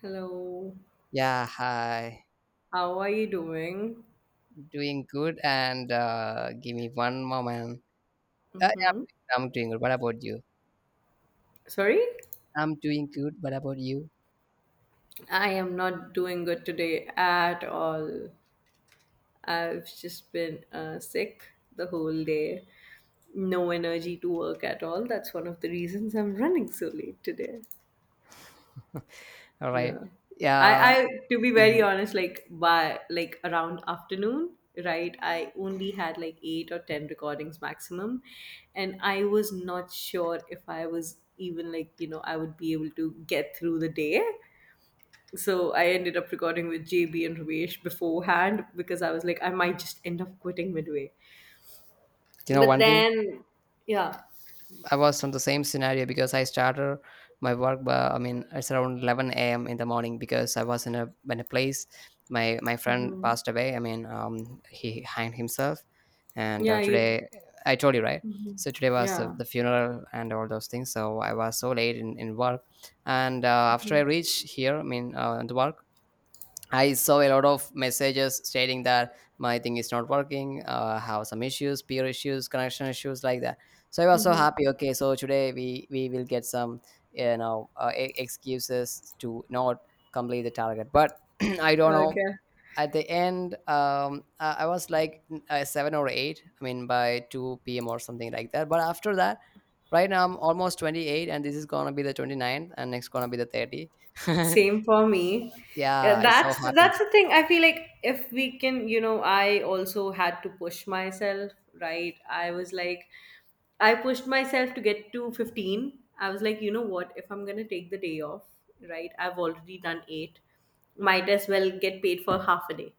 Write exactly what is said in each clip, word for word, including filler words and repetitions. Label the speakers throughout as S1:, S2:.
S1: Hello,
S2: Yeah, hi.
S1: how are you doing?
S2: Doing good, and uh, give me one moment. Uh,
S1: Hmm.
S2: yeah, I'm doing good. What about you?
S1: Sorry?
S2: I'm doing good. What about you?
S1: I am not doing good today at all. I've just been uh, sick the whole day. No energy to work at all. That's one of the reasons I'm running so late today.
S2: All right.
S1: Yeah.
S2: Yeah.
S1: I, I to be very
S2: Mhm.
S1: honest, like by like around afternoon, right? I only had like eight or ten recordings maximum. And I was not sure if I was even like, you know, I would be able to get through the day. So I ended up recording with J B and Ramesh beforehand because I was like, I might just end up quitting midway.
S2: You know
S1: But
S2: one thing?
S1: then yeah.
S2: I was on the same scenario because I started my work. Uh, I mean, it's around eleven a m in the morning because I was in a in a place. My my friend
S1: Hmm.
S2: passed away. I mean, um, he hanged himself, and uh,
S1: Yeah, you.
S2: today I told you right.
S1: Mhm.
S2: So today was the,
S1: Yeah.
S2: the funeral and all those things. So I was so late in, in work, and uh, after I
S1: Mhm.
S2: reached here, I mean, uh, the work, I saw a lot of messages stating that my thing is not working, uh, have some issues, peer issues, connection issues like that. So I was so happy. Okay, so today we we will get some you know uh, e- excuses to not complete the target. But I don't know.
S1: Okay.
S2: At the end, um, I I was like uh, seven or eight. I mean, by two p m or something like that. But after that, right now I'm almost twenty eight, and this is gonna be the twenty-ninth, and next gonna be the thirty.
S1: Same for me.
S2: Yeah,
S1: Yeah,
S2: I'm so
S1: that's that's
S2: happy.
S1: the thing. I feel like if we can, you know, I also had to push myself, right? I was like, I pushed myself to get to fifteen. I was like, you know what? If I'm gonna take the day off, right? I've already done eight. Might as well get paid for half a day,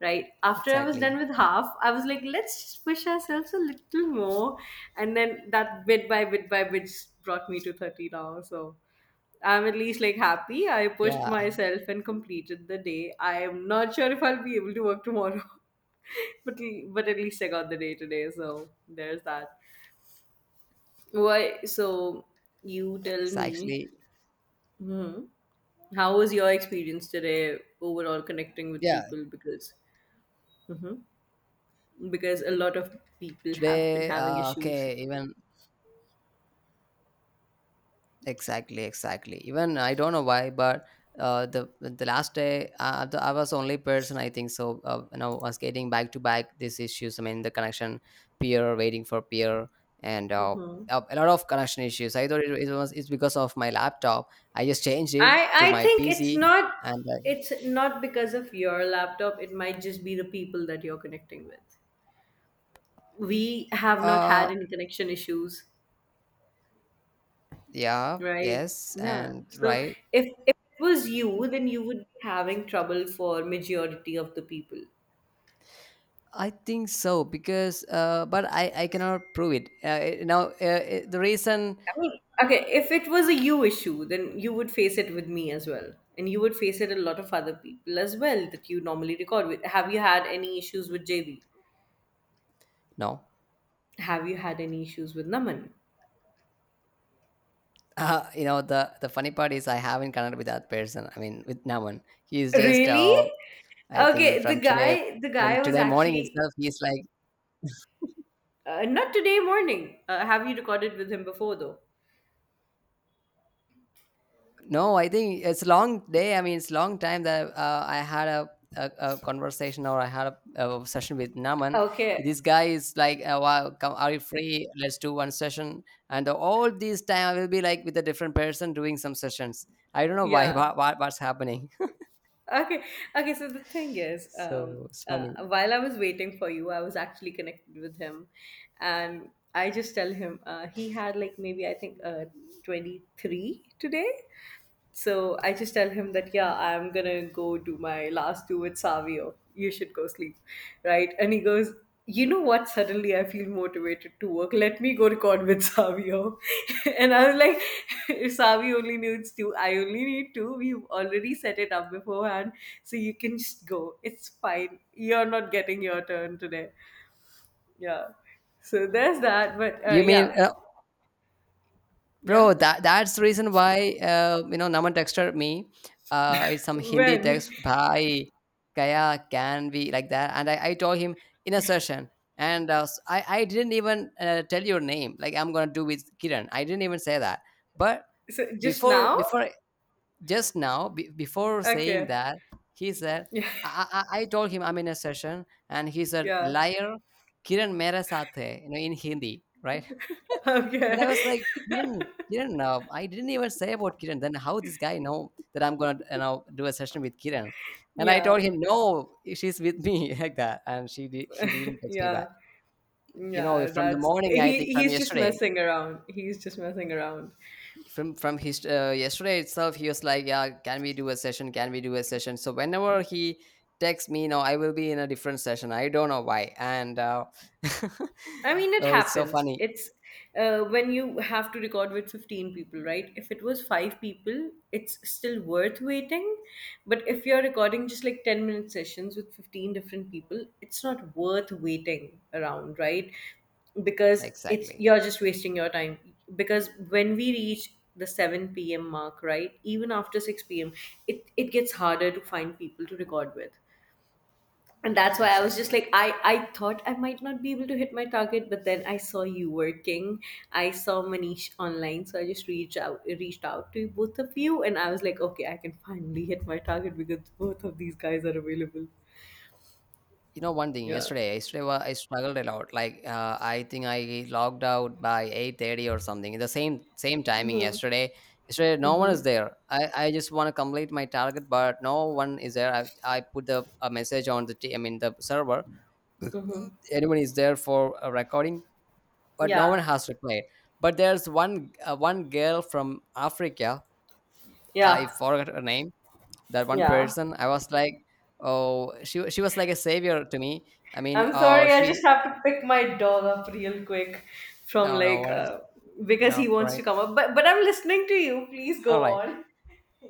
S1: right? After I was done
S2: Exactly.
S1: with half, I was like, let's just push ourselves a little more, and then that bit by bit by bit just brought me to thirty now. So I'm at least like happy. I pushed
S2: Yeah.
S1: myself and completed the day. I am not sure if I'll be able to work tomorrow, but but at least I got the day today. So there's that. Why? So you tell
S2: It's
S1: me.
S2: actually
S1: Hmm. How was your experience today overall connecting with
S2: yeah.
S1: people? Because hmm, because a lot of people have been
S2: Today,
S1: having
S2: uh,
S1: issues.
S2: okay, even exactly, exactly. Even I don't know why, but uh, the the last day, uh, the, I was only person I think so. Uh, you know, was getting back to back these issues. I mean, the connection peer waiting for peer and. Uh,
S1: Hmm.
S2: uh, a lot of connection issues. I thought it, it was it's because of my laptop. I just changed
S1: I
S2: it to
S1: I
S2: my
S1: think it's
S2: P C
S1: not,
S2: and
S1: it's not because of your laptop. It might just be the people that you're connecting with. We
S2: uh,
S1: have not had
S2: uh
S1: any connection issues,
S2: yeah,
S1: right?
S2: yes,
S1: Yeah.
S2: and
S1: So
S2: right.
S1: if if it was you, then you would be having trouble for majority of the people.
S2: I think so because, uh, but I, I cannot prove it. Uh, you know, uh, uh, the reason
S1: I mean, okay, if it was a you issue, then you would face it with me as well. And you would face it a lot of other people as well that you normally record with. Have you had any issues with J B?
S2: no.
S1: Have you had any issues with Naman?
S2: uh, you know the the funny part is I haven't connected with that person. I mean, with Naman, he's just
S1: Really?
S2: uh, I think
S1: Okay, the
S2: from today
S1: guy the
S2: from
S1: guy was
S2: today morning
S1: actually
S2: itself, he's like
S1: uh, not today morning. Uh, have you recorded with him before though?
S2: no, I think it's long day. I mean, it's long time that uh, I had a, a, a conversation or I had a, a session with Naman.
S1: Okay.
S2: This guy is like, uh, wow, come, are you free? Let's do one session. And all this time I will be like with a different person doing some sessions. I don't know why.
S1: Yeah.
S2: What, what- what's happening?
S1: Okay. Okay. So the thing is, um,
S2: So it's
S1: uh,
S2: funny.
S1: while I was waiting for you, I was actually connected with him, and I just tell him uh, he had like maybe I think uh, twenty three today. So I just tell him that, yeah, I'm gonna go do my last two with Savio. You should go sleep, right? And he goes, you know what? Suddenly I feel motivated to work. Let me go record with Savio. And I was like, Savio only needs two, I only need two. We've already set it up beforehand, so you can just go. It's fine. You're not getting your turn today. Yeah. So there's that. But uh,
S2: You mean
S1: yeah,
S2: uh, bro,
S1: yeah.
S2: that that's the reason why uh, you know Naman texted me. Uh it's some hindi
S1: When?
S2: text, bhai kya can be like that, and i, I told him in a session. And uh, s- i i didn't even uh, tell your name, like I'm gonna do with Kiran. I didn't even say that. But
S1: So just
S2: before
S1: now?
S2: before just now, be before saying
S1: Okay.
S2: that, he said.
S1: Yeah.
S2: I, I, I told him I'm in a session, and he said
S1: Yeah.
S2: liar. Kiran mere saath hai, you know, in hindi, right.
S1: Okay.
S2: And I was like, Kiran, kiran uh, I didn't even say about Kiran. Then how this guy know that I'm gonna, you know, do a session with Kiran? And I
S1: Yeah.
S2: told him no, she's with me. Like that. And she did, he didn't text me
S1: Yeah.
S2: back. You know,
S1: Yeah.
S2: from the
S1: That's
S2: morning, I think
S1: he.
S2: from
S1: He's just
S2: yesterday,
S1: messing around. He's just messing around.
S2: from from his uh, yesterday itself, he was like, yeah, can we do a session, can we do a session? So whenever he texts me now, I will be in a different session. I don't know why. And uh,
S1: I mean, it
S2: oh, it's so
S1: happens.
S2: funny.
S1: It's uh, when you have to record with fifteen people, right? If it was five people, it's still worth waiting. But if you're recording just like ten minute sessions with fifteen different people, it's not worth waiting around, right? Because it's
S2: Exactly,
S1: you're just wasting your time. Because when we reach the seven p m mark, right? Even after six p m, it, it gets harder to find people to record with, and that's why I was just
S2: exactly.
S1: like, i i thought I might not be able to hit my target, but then I saw you working. I saw Manish online, so I just reached out reached out to both of you and I was like, okay, I can finally hit my target because both of these guys are available.
S2: You know one thing,
S1: Yeah.
S2: yesterday yesterday wa- I struggled a lot, like uh, I think I logged out by eight thirty or something. The same same timing yesterday. Yesterday no one is there. i, I just want to complete my target, but no one is there. i, I put the a message on the t- I mean the server.
S1: Mm-hmm.
S2: Anyone is there for a recording? But no
S1: Yeah.
S2: one has replied. But there's one uh, one girl from Africa. I
S1: Yeah.
S2: forgot her name. That one
S1: Yeah,
S2: person. I was like, oh, she wa- she was like a savior to me. I mean,
S1: I'm
S2: oh,
S1: sorry, I
S2: she,
S1: just have to pick my dog up real quick from
S2: no, no,
S1: like
S2: what is,
S1: uh, because
S2: no,
S1: he wants
S2: right.
S1: to come up, but but I'm listening to you, please go
S2: All right.
S1: on.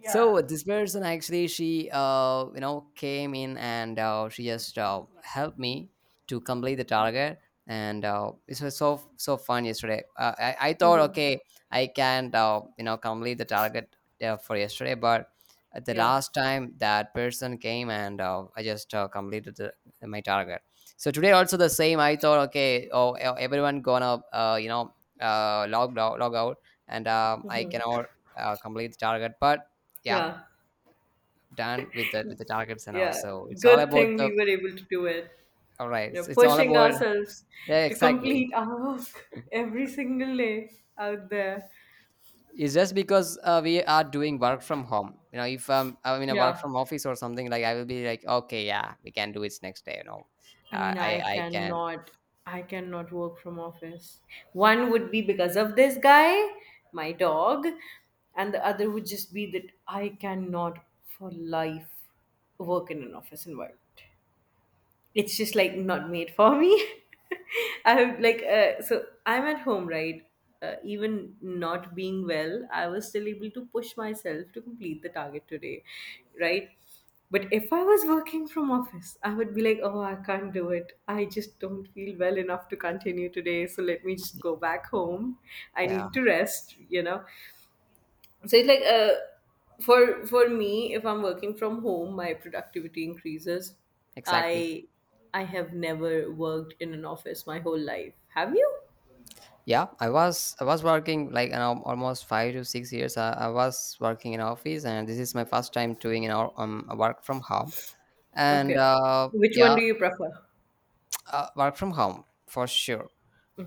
S1: Yeah.
S2: So this person actually, she uh you know came in, and uh, she just uh, helped me to complete the target. And uh, it was so so fun yesterday. uh, I, I thought,
S1: Hmm.
S2: okay, I can't uh, you know complete the target uh, for yesterday. But at the
S1: Yeah.
S2: last time that person came, and uh, I just uh, completed the, my target. So today also the same. I thought, okay, oh, e- everyone gonna uh, you know uh, log, log log out. And um, I
S1: Mhm.
S2: cannot uh, complete the target, but yeah,
S1: Yeah,
S2: done with the with the targets. And
S1: yeah.
S2: also, it's all
S1: Good
S2: about
S1: thing
S2: the,
S1: we were able to do it.
S2: all right,
S1: You
S2: it's,
S1: know,
S2: it's all
S1: pushing
S2: about,
S1: ourselves
S2: yeah,
S1: to
S2: exactly.
S1: complete our work every single day out there.
S2: It's just because uh, we are doing work from home. You know, if um, I'm in a work
S1: Yeah.
S2: from office or something, like I will be like, okay, yeah, we can do it next day, you know.
S1: I
S2: uh,
S1: mean,
S2: i
S1: I
S2: i can.
S1: cannot, I cannot work from office. One would be because of this guy, my dog, and the other would just be that I cannot for life work in an office environment. It's just like not made for me. I have like uh, so I'm at home, right? Uh, even not being well, I was still able to push myself to complete the target today, right? But if I was working from office, I would be like, oh, I can't do it, I just don't feel well enough to continue today, so let me just go back home. I
S2: Yeah,
S1: need to rest, you know. So it's like uh, for for me, if I'm working from home, my productivity increases.
S2: exactly.
S1: I i have never worked in an office my whole life, have you?
S2: Yeah, i was I was working, like, you know, almost five to six years. I, I was working in office, and this is my first time doing, you know, um, work from home. And
S1: Okay,
S2: uh,
S1: which one
S2: yeah.
S1: do you prefer?
S2: uh, work from home for sure.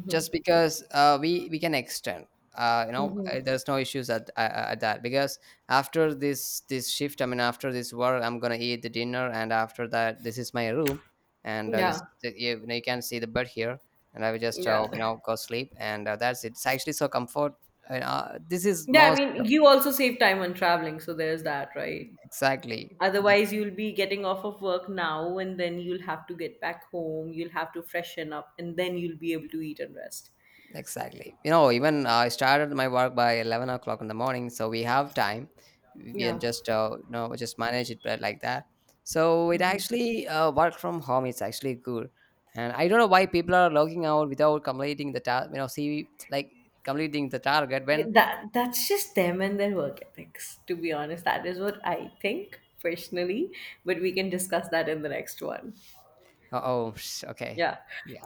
S2: Just because uh, we we can extend. Uh, you know
S1: Mm-hmm.
S2: uh, there's no issues at, uh, at that because after this this shift, I mean after this work, I'm gonna eat the dinner. And after that, this is my room. And uh, this
S1: Yeah.
S2: the, you, you know, you can see the bed here. And I will just
S1: Yeah.
S2: uh, you know go sleep. And uh, that's it it's actually so comfort. And, uh, this is
S1: Yeah, I
S2: most
S1: mean, you also save time on traveling, so there's that, right?
S2: exactly.
S1: Otherwise you'll be getting off of work now and then you'll have to get back home, you'll have to freshen up, and then you'll be able to eat and rest.
S2: Exactly. You know, even I started my work by 11 o'clock in the morning, so we have time. We can
S1: Yeah.
S2: just, uh, you know, just manage it, but like that. So it actually, uh, work from home, it's actually good. And I don't know why people are logging out without completing the task, you know, see, like completing the target
S1: Okay,
S2: when,
S1: that that's just them and their work ethics. To be honest, that is what I think personally. But we can discuss that in the next one.
S2: oh, okay.
S1: Yeah.
S2: Yeah.